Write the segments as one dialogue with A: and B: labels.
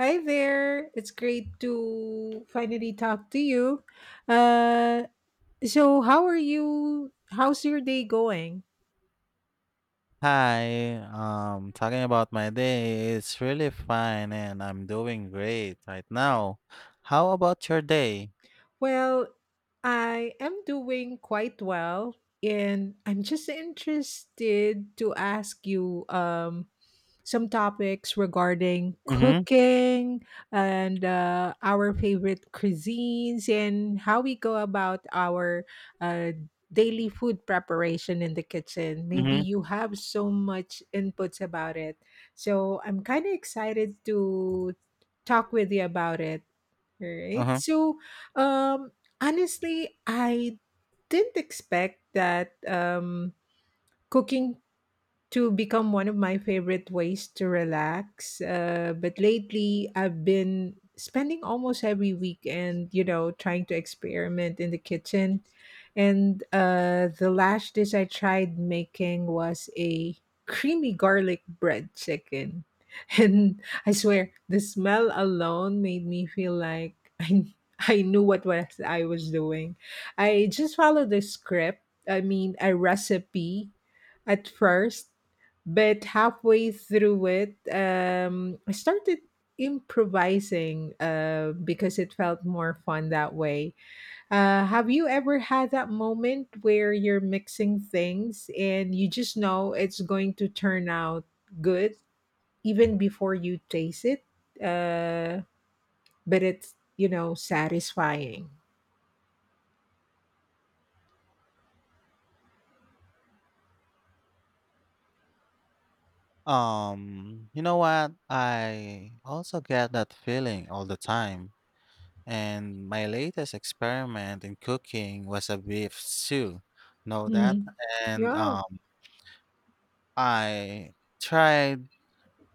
A: Hi there. It's great to finally talk to you. Uh, so how are you? How's your day going?
B: Hi, talking about my day, it's really fine and I'm doing great right now. How about your day?
A: Well, I am doing quite well, and I'm just interested to ask you some topics regarding
B: Mm-hmm.
A: cooking and our favorite cuisines and how we go about our uh, daily food preparation in the kitchen. Maybe
B: Mm-hmm.
A: you have so much inputs about it. So I'm kind of excited to talk with you about it. Alright.
B: Uh-huh.
A: Um, Honestly, I didn't expect that cooking to become one of my favorite ways to relax. But lately, I've been spending almost every weekend, trying to experiment in the kitchen. And the last dish I tried making was a creamy garlic bread chicken. And I swear, the smell alone made me feel like I knew what was I was doing. I just followed the script. I mean, a recipe at first, but halfway through it, I started improvising because it felt more fun that way. Have you ever had that moment where you're mixing things and you just know it's going to turn out good even before you taste it? Uh, but it's satisfying.
B: You know what? I also get that feeling all the time. And my latest experiment in cooking was a beef stew. Know that?
A: Mhm.
B: And
A: Yeah.
B: I tried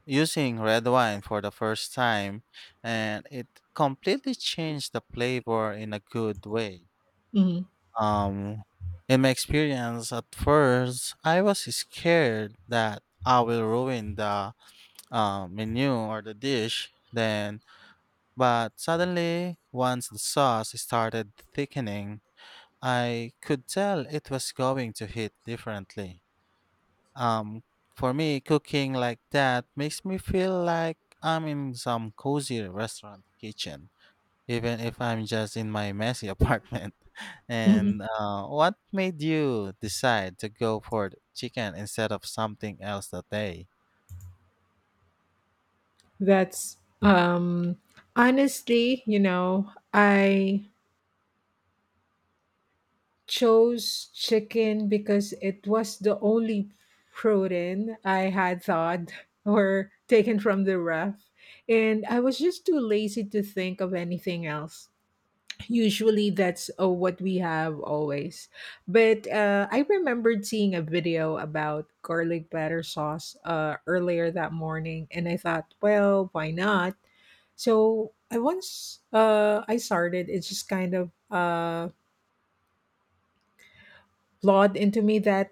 B: using red wine for the first time and it completely changed the flavor in a good way.
A: Mhm.
B: Um, in my experience, at first, I was scared that I will ruin the menu or the dish then, but suddenly, once the sauce started thickening, I could tell it was going to hit differently. Um, for me, cooking like that makes me feel like I'm in some cozy restaurant kitchen, even if I'm just in my messy apartment. And
A: Mhm.
B: what made you decide to go for the chicken instead of something else that day?
A: That's honestly, you know, I chose chicken because it was the only protein I had thought or taken from the ref. And I was just too lazy to think of anything else. Usually that's what we have always. But I remembered seeing a video about garlic batter sauce earlier that morning, and I thought, well, why not? So I once I started, it just kind of blawed into me that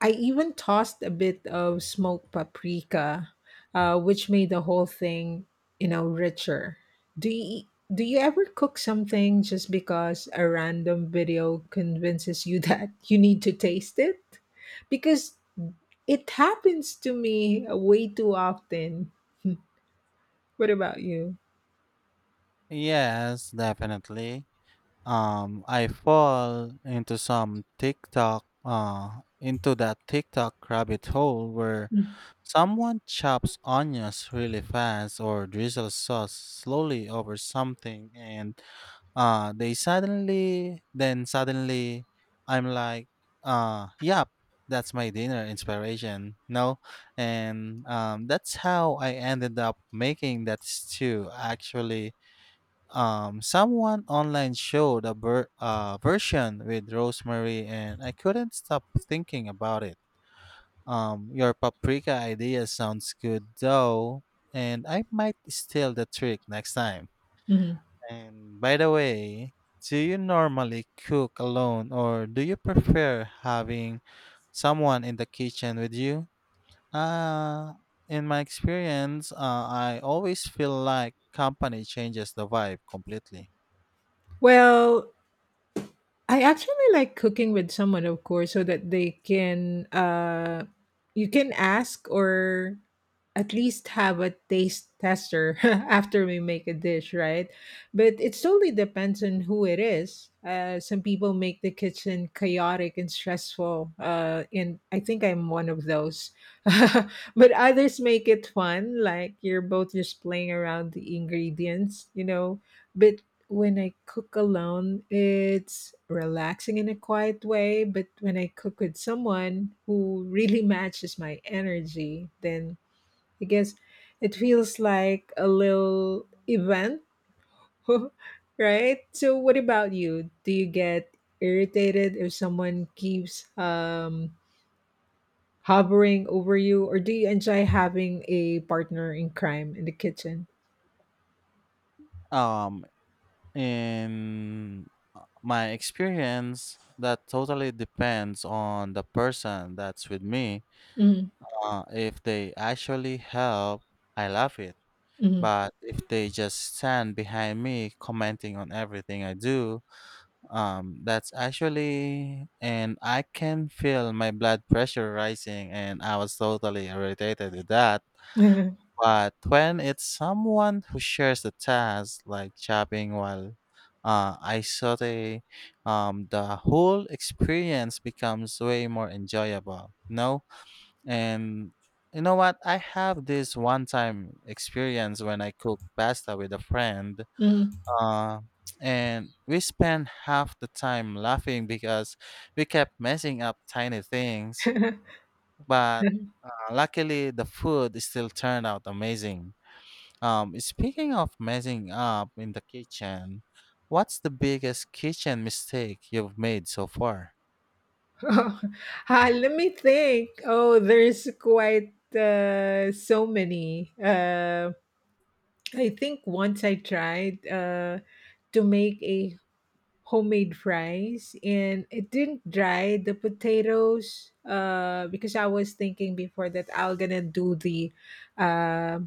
A: I even tossed a bit of smoked paprika, which made the whole thing, richer. Do you do you ever cook something just because a random video convinces you that you need to taste it? Because it happens to me way too often. What about you?
B: Yes, definitely. I fall into some into that TikTok rabbit hole where
A: Mm.
B: someone chops onions really fast or drizzles sauce slowly over something, and they suddenly then suddenly I'm like, yep, that's my dinner inspiration. No. And that's how I ended up making that stew actually. Someone online showed a version with rosemary and I couldn't stop thinking about it. Your paprika idea sounds good though, and I might steal the trick next time.
A: Mhm.
B: And by the way, do you normally cook alone or do you prefer having someone in the kitchen with you? Uh, in my experience, I always feel like company changes the vibe completely.
A: Well, I actually like cooking with someone, of course, so that they can you can ask or at least have a taste tester after we make a dish, right? But it totally depends on who it is. Some people make the kitchen chaotic and stressful, and I think I'm one of those. But others make it fun, like you're both just playing around the ingredients, you know. But when I cook alone, it's relaxing in a quiet way, but when I cook with someone who really matches my energy, then I guess it feels like a little event, right? So, what about you? Do you get irritated if someone keeps hovering over you, or do you enjoy having a partner in crime in the kitchen?
B: Um, in my experience, that totally depends on the person that's with me.
A: Mm-hmm.
B: If they actually help, I love it. But if they just stand behind me commenting on everything I do, that's actually, and I can feel my blood pressure rising, and I was totally irritated with that. But when it's someone who shares the task, like chopping while I saute, the whole experience becomes way more enjoyable. No? And you know what? I have this one time experience when I cooked pasta with a friend. Uh, and we spent half the time laughing because we kept messing up tiny things. But luckily, the food still turned out amazing. Speaking of messing up in the kitchen, what's the biggest kitchen mistake you've made so far?
A: Oh, ah, let me think. Oh, there's quite so many. I think once I tried to make a homemade fries, and it didn't dry the potatoes because I was thinking before that I will gonna do the uh,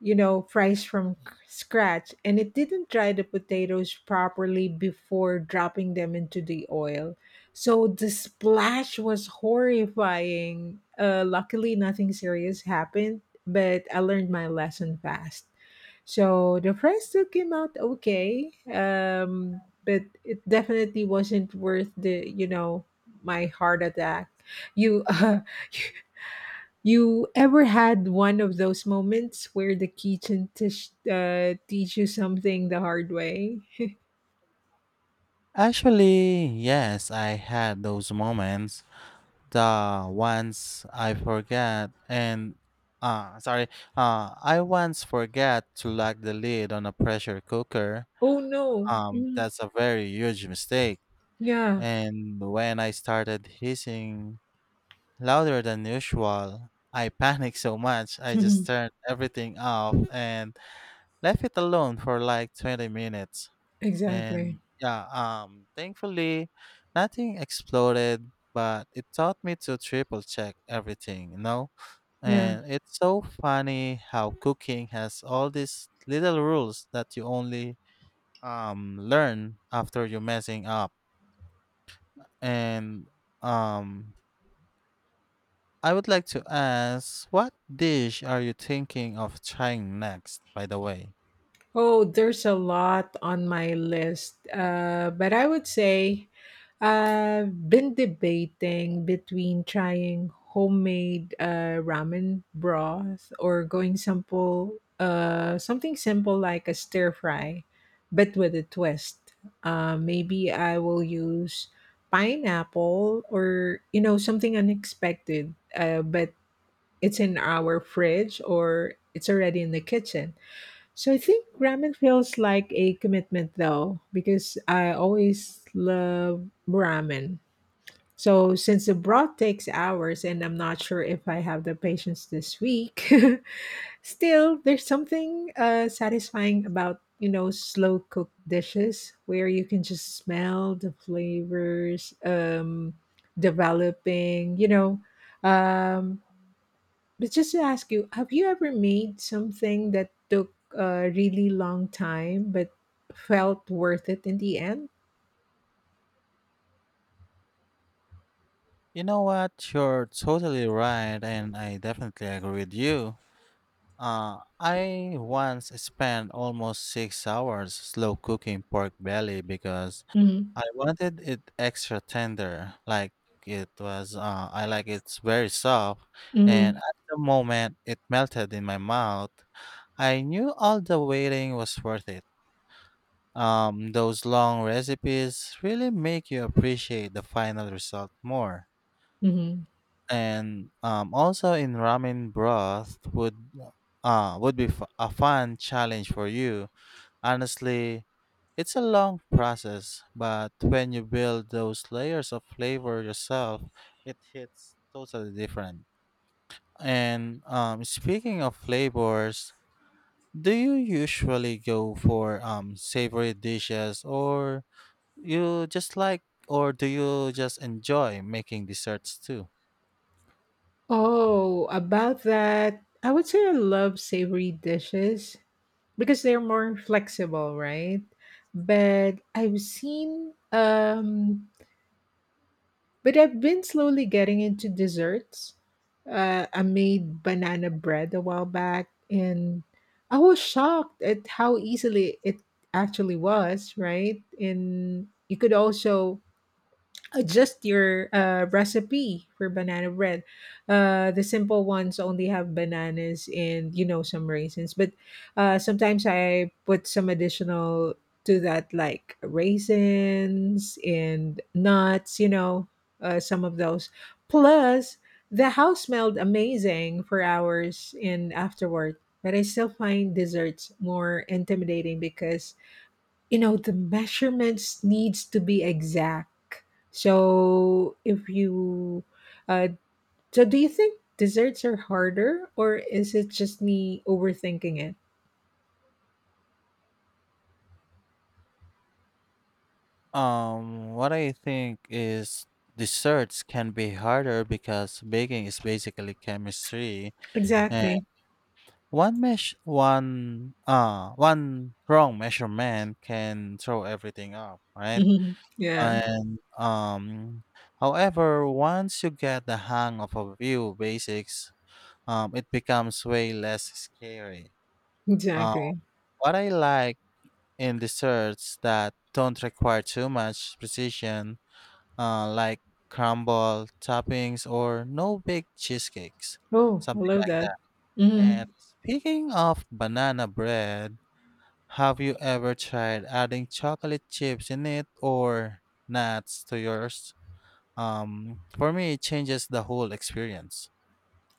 A: fries from scratch, and it didn't dry the potatoes properly before dropping them into the oil. So the splash was horrifying. Luckily, nothing serious happened, but I learned my lesson fast. So the fries still came out okay, but it definitely wasn't worth the, my heart attack. You, you ever had one of those moments where the kitchen tish teach you something the hard way?
B: Actually, yes, I had those moments. The once I forget and sorry, I once forget to lock the lid on a pressure cooker.
A: Oh no. Mm.
B: That's a very huge mistake.
A: Yeah.
B: And when I started hissing louder than usual, I panicked so much I just turned everything off and left it alone for like 20 minutes.
A: Exactly.
B: And yeah, thankfully, nothing exploded, but it taught me to triple check everything, you know?
A: Yeah.
B: And it's so funny how cooking has all these little rules that you only learn after you messing up. And um, I would like to ask, what dish are you thinking of trying next, by the way?
A: Oh, there's a lot on my list, but I would say I've been debating between trying homemade ramen broth or going simple, something simple like a stir fry, but with a twist. Maybe I will use pineapple or you know something unexpected, but it's in our fridge or it's already in the kitchen. So I think ramen feels like a commitment though, because I always love ramen. So since the broth takes hours and I'm not sure if I have the patience this week, still there's something satisfying about you know slow cooked dishes where you can just smell the flavors developing. Um, but just to ask you, have you ever made something that took a really long time but felt worth it in the end?
B: You know what? You're totally right, and I definitely agree with you. I once spent almost 6 hours slow cooking pork belly because
A: Mm-hmm.
B: I wanted it extra tender. Like it was, I like it's very soft, and
A: Mm-hmm.
B: at the moment it melted in my mouth, I knew all the waiting was worth it. Those long recipes really make you appreciate the final result more.
A: Mm-hmm.
B: And also in ramen broth would a fun challenge for you. Honestly, it's a long process, but when you build those layers of flavor yourself, it hits totally different. And speaking of flavors, do you usually go for savory dishes, or you just like, or do you just enjoy making desserts too?
A: Oh, about that, I would say I love savory dishes because they're more flexible, right? But I've seen um But I've been slowly getting into desserts. I made banana bread a while back, and I was shocked at how easily it actually was, right? And you could also adjust your recipe for banana bread. The simple ones only have bananas and you know some raisins, but sometimes I put some additional to that, like raisins and nuts. You know, some of those. Plus, the house smelled amazing for hours and afterward. But I still find desserts more intimidating because you know the measurements needs to be exact so if you uh so do you think desserts are harder or is it just me overthinking it?
B: What I think is desserts can be harder because baking is basically chemistry, and
A: Exactly.
B: one mesh one one wrong measurement can throw everything up, right?
A: Mhm. Yeah.
B: And however, once you get the hang of a few basics, it becomes way less scary. Uh,
A: Exactly.
B: what I like in desserts that don't require too much precision, like crumble toppings or no bake cheesecakes,
A: Oh, I
B: something
A: love
B: like
A: that.
B: that. And
A: Mhm.
B: speaking of banana bread, have you ever tried adding chocolate chips in it or nuts to yours? For me, it changes the whole experience.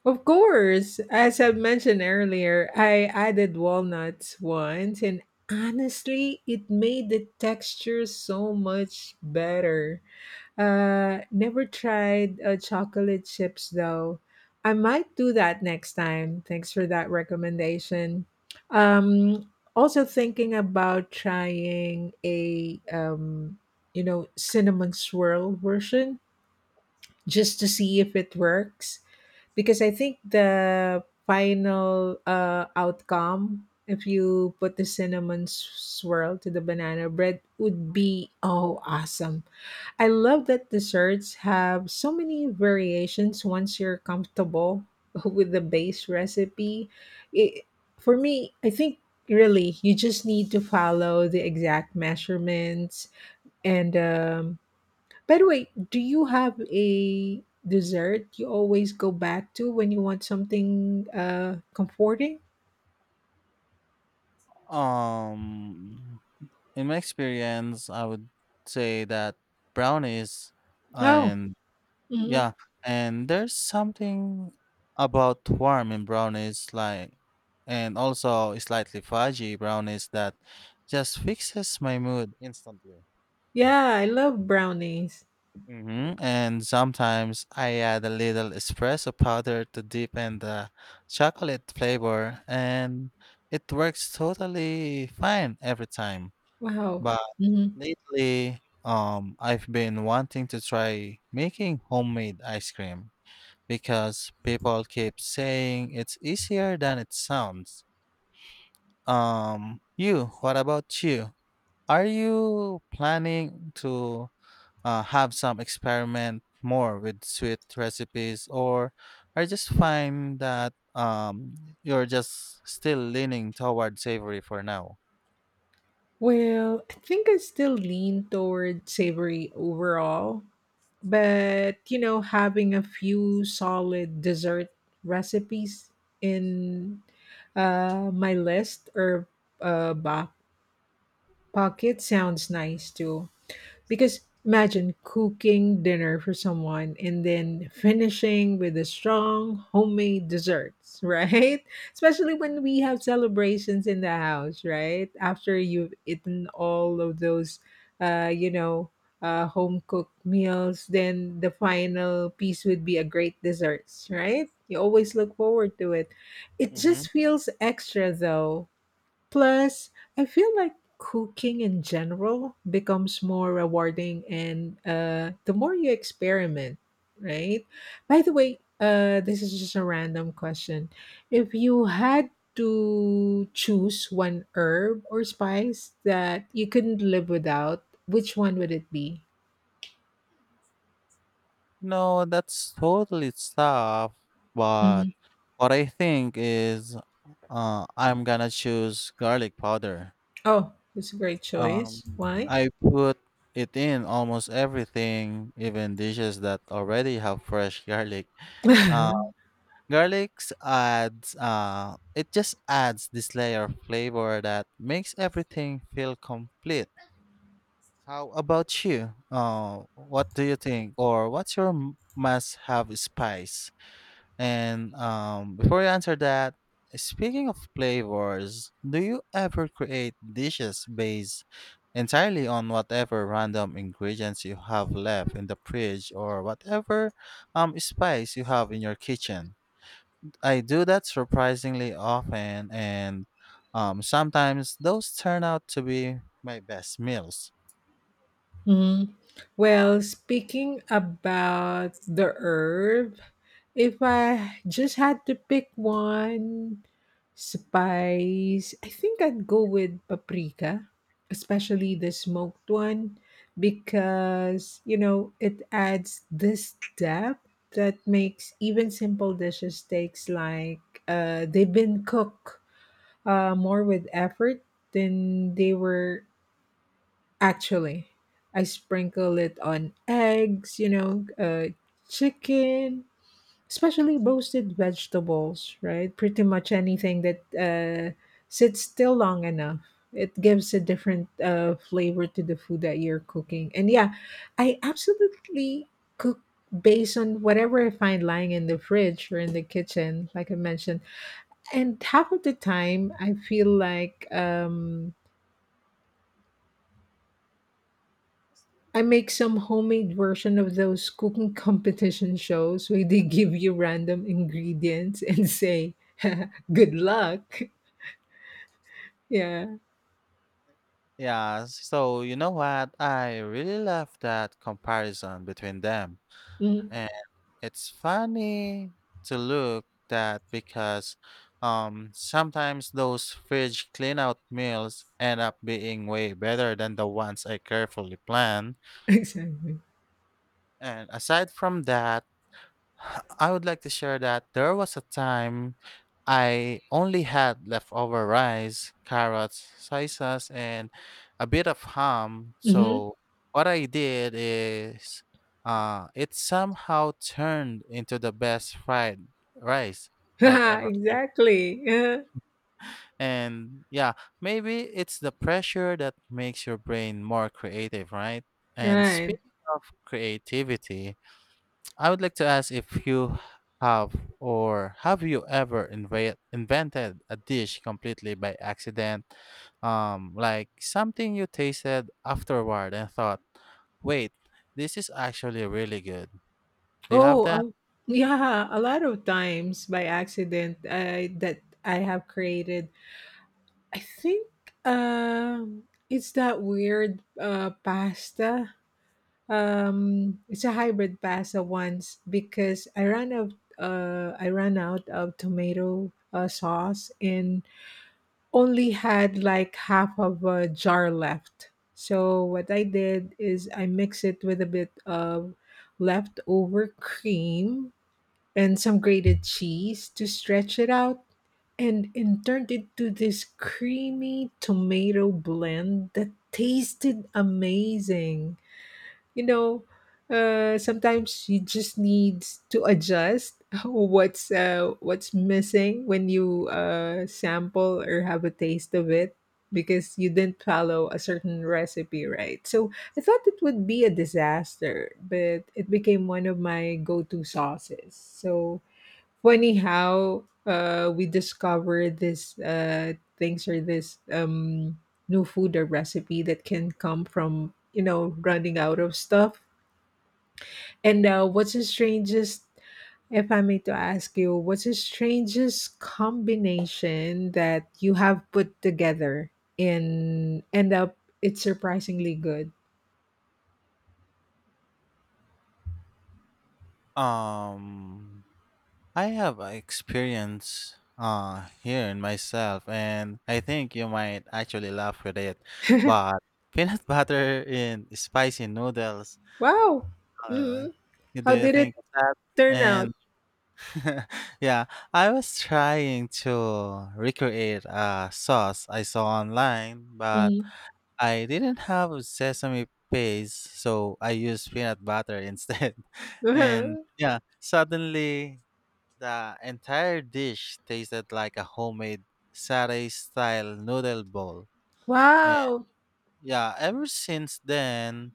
A: Of course, as I mentioned earlier, I added walnuts once and honestly it made the texture so much better. Never tried chocolate chips though. I might do that next time. Thanks for that recommendation. Also thinking about trying a cinnamon swirl version just to see if it works, because I think the final outcome if you put the swirl to the banana bread would be oh awesome. I love that desserts have so many variations once you're comfortable with the base recipe. It, for me, I think really you just need to follow the exact measurements. And by the way, do you have a dessert you always go back to when you want something comforting?
B: Um, in my experience, I would say that brownies
A: Oh,
B: and
A: mhm.
B: yeah, and there's something about warm in brownies, like, and also slightly fudgy brownies that just fixes my mood instantly.
A: Yeah, I love brownies.
B: Hmm. And sometimes I add a little espresso powder to deepen the chocolate flavor, and it works totally fine every time.
A: Wow.
B: But lately, I've been wanting to try making homemade ice cream, because people keep saying it's easier than it sounds. What about you? Are you planning to have some experiment more with sweet recipes, or I just find that you're just still leaning toward savory for now?
A: Well, I think I still lean toward savory overall, but you know, having a few solid dessert recipes in my list or back pocket sounds nice too. Because imagine cooking dinner for someone and then finishing with a strong homemade desserts, right? Especially when we have celebrations in the house, right? After you've eaten all of those, uh, you know, home cooked meals, then the final piece would be a great desserts, right? You always look forward to it. It
B: Hmm.
A: just feels extra though. Plus, I feel like cooking in general becomes more rewarding and the more you experiment, right? By the way, this is just a random question. If you had to choose one herb or spice that you couldn't live without, which one would it be?
B: No, that's totally tough. But
A: Mhm.
B: what I think is, I'm gonna choose garlic powder.
A: Oh, that's a great
B: Um,
A: choice. Why?
B: I put it in almost everything, even dishes that already have fresh garlic. Uh, garlics adds it just adds this layer of flavor that makes everything feel complete. How about you? What do you think, or what's your must-have spice? And before you answer that, speaking of flavors, do you ever create dishes based entirely on whatever random ingredients you have left in the fridge or whatever spice you have in your kitchen? I do that surprisingly often, and sometimes those turn out to be my best meals.
A: Mhm. Well, speaking about the herb, if I just had to pick one spice, I think I'd go with paprika, especially the smoked one, because, you know, it adds this depth that makes even simple dishes takes like they've been cooked more with effort than they were. Actually, I sprinkle it on eggs, you know, chicken, especially roasted vegetables, right? Pretty much anything that sits still long enough. It gives a different flavor to the food that you're cooking. And yeah, I absolutely cook based on whatever I find lying in the fridge or in the kitchen, like I mentioned, and half of the time I feel like I make some homemade version of those cooking competition shows where they give you random ingredients and say, "Good luck." Yeah.
B: Yeah, so you know what? I really love that comparison between them.
A: Mm.
B: It's funny to look that because sometimes those fridge clean out meals end up being way better than the ones I carefully plan.
A: Exactly.
B: And aside from that, I would like to share that there was a time I only had leftover rice, carrots, soy sauce, and a bit of ham.
A: Hmm.
B: So what I did is it somehow turned into the best fried rice I've ever made.
A: Exactly. Yeah.
B: And yeah, maybe it's the pressure that makes your brain more creative, right? And
A: Right.
B: speaking of creativity, I would like to ask if you have or have you ever invented a dish completely by accident? Like something you tasted afterward and thought, wait, this is actually really good. Do you have
A: Oh,
B: that?
A: uh, yeah. A lot of times by accident, I that I have created. I think um, it's that weird pasta. It's a hybrid pasta once because I ran out. I ran out of tomato sauce and only had like half of a jar left. So what I did is I mix it with a bit of leftover cream and some grated cheese to stretch it out, and turned it to this creamy tomato blend that tasted amazing. You know, sometimes you just need to adjust what's missing when you sample or have a taste of it because you didn't follow a certain recipe, right? So I thought it would be a disaster, but it became one of my go-to sauces. So funny how we discover this things or this new food or recipe that can come from you know running out of stuff. And what's the strangest, if I may to ask you, what's the strangest combination that you have put together and end up it's surprisingly good?
B: Um, I have a experience here in myself, and I think you might actually laugh with it, but peanut butter in spicy noodles.
A: Wow.
B: Uh,
A: Hmm.
B: do
A: How
B: you
A: did it
B: think of that?
A: turn out?
B: And yeah, I was trying to recreate a sauce I saw online, but
A: Mm.
B: I didn't have sesame paste, so I used peanut butter instead. And yeah, suddenly the entire dish tasted like a homemade satay style noodle bowl. And
A: Wow.
B: yeah, ever since then,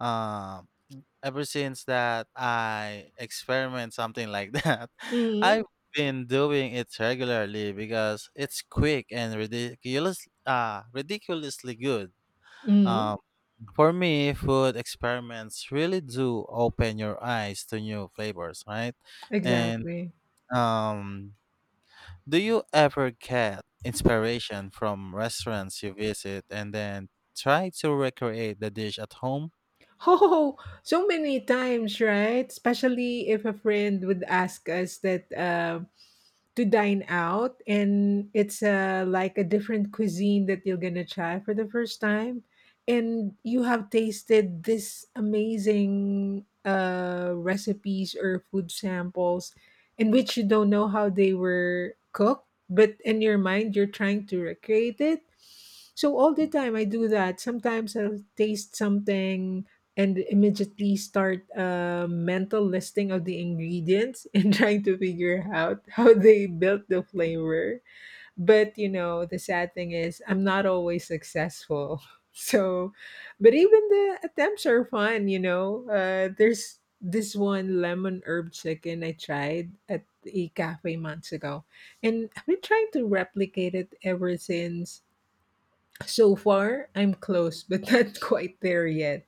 B: um Ever since that I experiment something like that,
A: Mm-hmm.
B: I've been doing it regularly because it's quick and ridiculously good.
A: Mm-hmm.
B: Um, for me, food experiments really do open your eyes to new flavors, right? And
A: Exactly.
B: um, do you ever get inspiration from restaurants you visit and then try to recreate the dish at home?
A: Oh, so many times, right? Especially if a friend would ask us that, to dine out and it's like a different cuisine that you're gonna try for the first time, and you have tasted this amazing recipes or food samples in which you don't know how they were cooked, but in your mind you're trying to recreate it. So all the time I do that. Sometimes I'll taste something and immediately start a mental listing of the ingredients and trying to figure out how they built the flavor. But you know, the sad thing is, I'm not always successful. So, but even the attempts are fun, There's this one lemon herb chicken I tried at a cafe months ago, and I've been trying to replicate it ever since. So far, I'm close, but not quite there yet.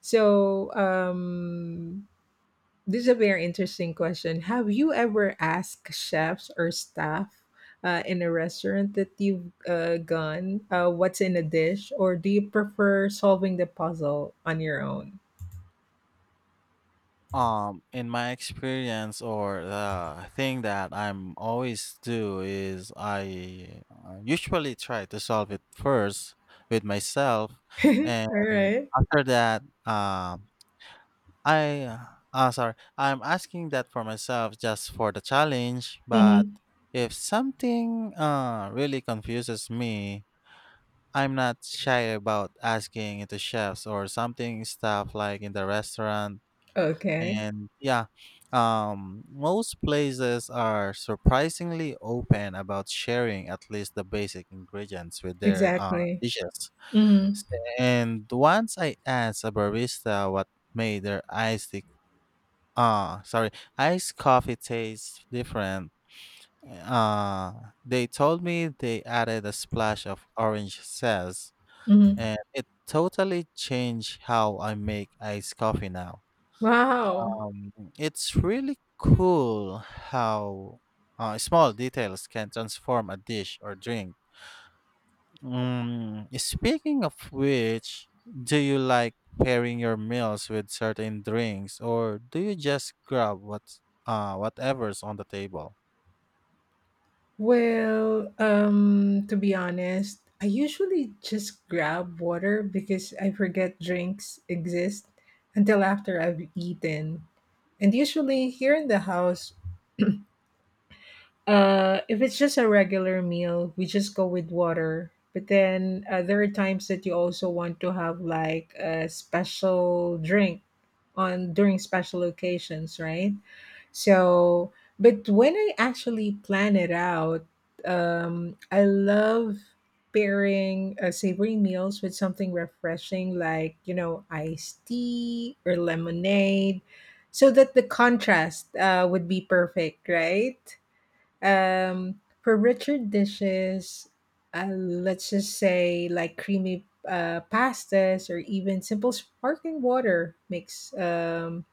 A: So, um, this is a very interesting question. Have you ever asked chefs or staff in a restaurant that you've gone what's in a dish, or do you prefer solving the puzzle on your own?
B: In my experience, or the thing that I'm always do is I usually try to solve it first with myself,
A: All
B: and
A: right.
B: after that, I uh, I'm asking that for myself just for the challenge. But
A: Hmm.
B: if something really confuses me, I'm not shy about asking it to chefs or something stuff like in the restaurant,
A: Okay.
B: and yeah, most places are surprisingly open about sharing at least the basic ingredients with their
A: Exactly.
B: dishes.
A: Mm-hmm.
B: S- And once I asked a barista what made their iced tea- sorry iced coffee taste different. uh, they told me they added a splash of orange zest,
A: Mm-hmm.
B: and it totally changed how I make iced coffee now.
A: Wow.
B: Um, it's really cool how small details can transform a dish or drink. Mm, speaking of which, do you like pairing your meals with certain drinks, or do you just grab what whatever's on the table?
A: Well, to be honest, I usually just grab water because I forget drinks exist until after I've eaten. And usually here in the house, if it's just a regular meal, we just go with water. But then there are times that you also want to have like a special drink on during special occasions, right? So, but when I actually plan it out, I love pairing savory meals with something refreshing like, you know, iced tea or lemonade so that the contrast would be perfect, right? For richer dishes, let's just say like creamy pastas or even simple sparkling water makes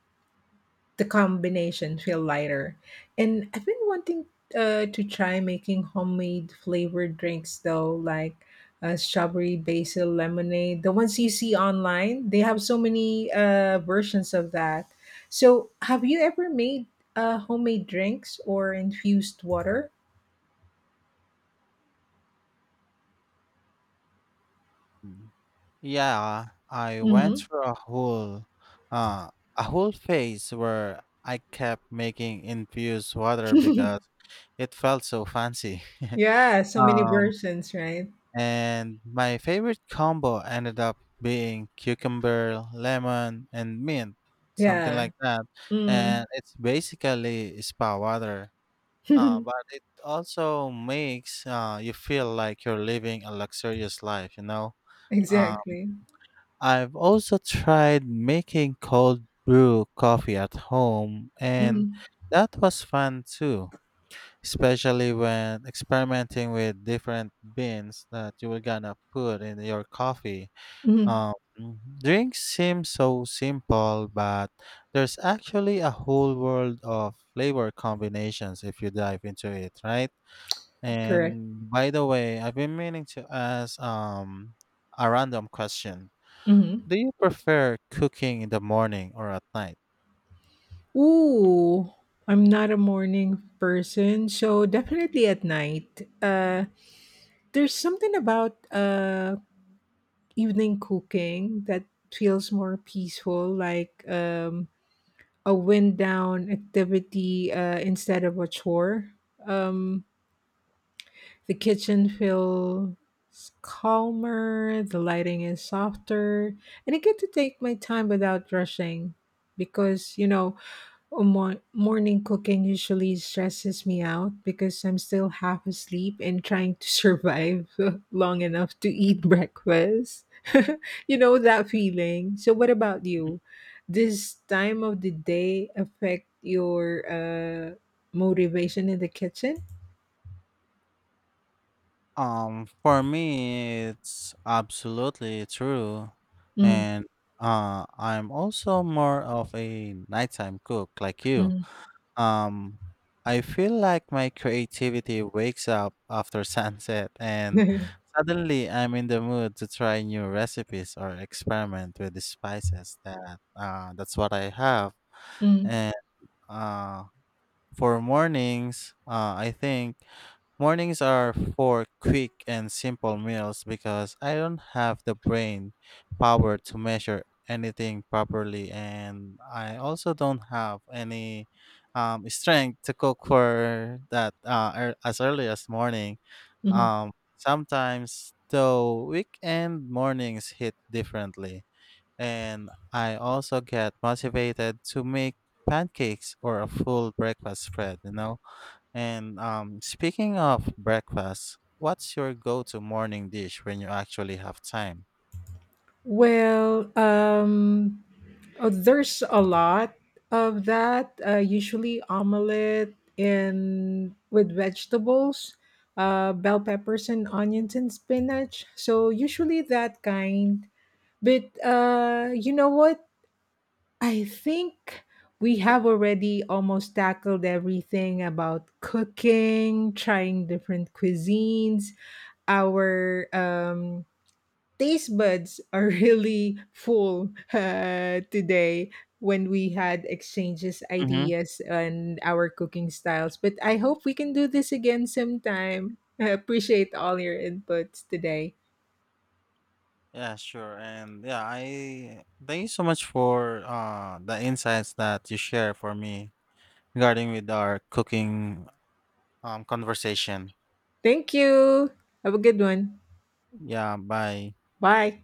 A: the combination feel lighter. And I've been wanting to try making homemade flavored drinks though, like strawberry basil lemonade. The ones you see online, they have so many versions of that. So, have you ever made homemade drinks or infused water?
B: Mm. Yeah, I went
A: Hmm.
B: through uh a whole phase where I kept making infused water because it felt so fancy.
A: Yeah, so many
B: um
A: versions, right?
B: And my favorite combo ended up being cucumber, lemon, and mint, something
A: Yeah.
B: like that. And
A: Mm.
B: it's basically spa water. But it also makes you feel like you're living a luxurious life, you know? Uh,
A: Exactly.
B: I've also tried making cold brew coffee at home,
A: Hmm.
B: and that was fun too, especially when experimenting with different beans that you were gonna put in your coffee.
A: Hmm.
B: Um, Drinks seem so simple, but there's actually a whole world of flavor combinations if you dive into it, right?
A: Correct.
B: And by the way, I've been meaning to ask a random question.
A: Hmm.
B: Do you prefer cooking in the morning or at night?
A: Ooh, I'm not a morning person, so definitely at night. There's something about evening cooking that feels more peaceful, like a wind down activity instead of a chore. Um, the kitchen feels calmer, the lighting is softer, and I get to take my time without rushing because you know. Oh, mo morning cooking usually stresses me out because I'm still half asleep and trying to survive long enough to eat breakfast. You know that feeling. So, what about you? This time of the day affect your motivation in the kitchen?
B: For me, it's absolutely true.
A: Mm.
B: And I'm also more of a nighttime cook like you.
A: Mm.
B: Um, I feel like my creativity wakes up after sunset, and suddenly I'm in the mood to try new recipes or experiment with the spices that that's what I have.
A: Mm.
B: And uh, for mornings, I think. Mornings are for quick and simple meals because I don't have the brain power to measure anything properly, and I also don't have any strength to cook for that as early as morning.
A: Mm.
B: Sometimes, though, weekend mornings hit differently, and I also get motivated to make pancakes or a full breakfast spread, you know? And speaking of breakfast, what's your go-to morning dish when you actually have time?
A: Well, there's a lot of that. Usually omelet and with vegetables, bell peppers and onions and spinach. So usually that kind. But you know what? I think we have already almost tackled everything about cooking, trying different cuisines, our taste buds are really full today when we had exchanges
B: Mm-hmm.
A: ideas and our cooking styles, but I hope we can do this again sometime. I appreciate all your inputs today.
B: Yeah, sure. And yeah, I thank you so much for the insights that you share for me regarding with our cooking conversation.
A: Thank you. Have a good one.
B: Yeah, bye.
A: Bye.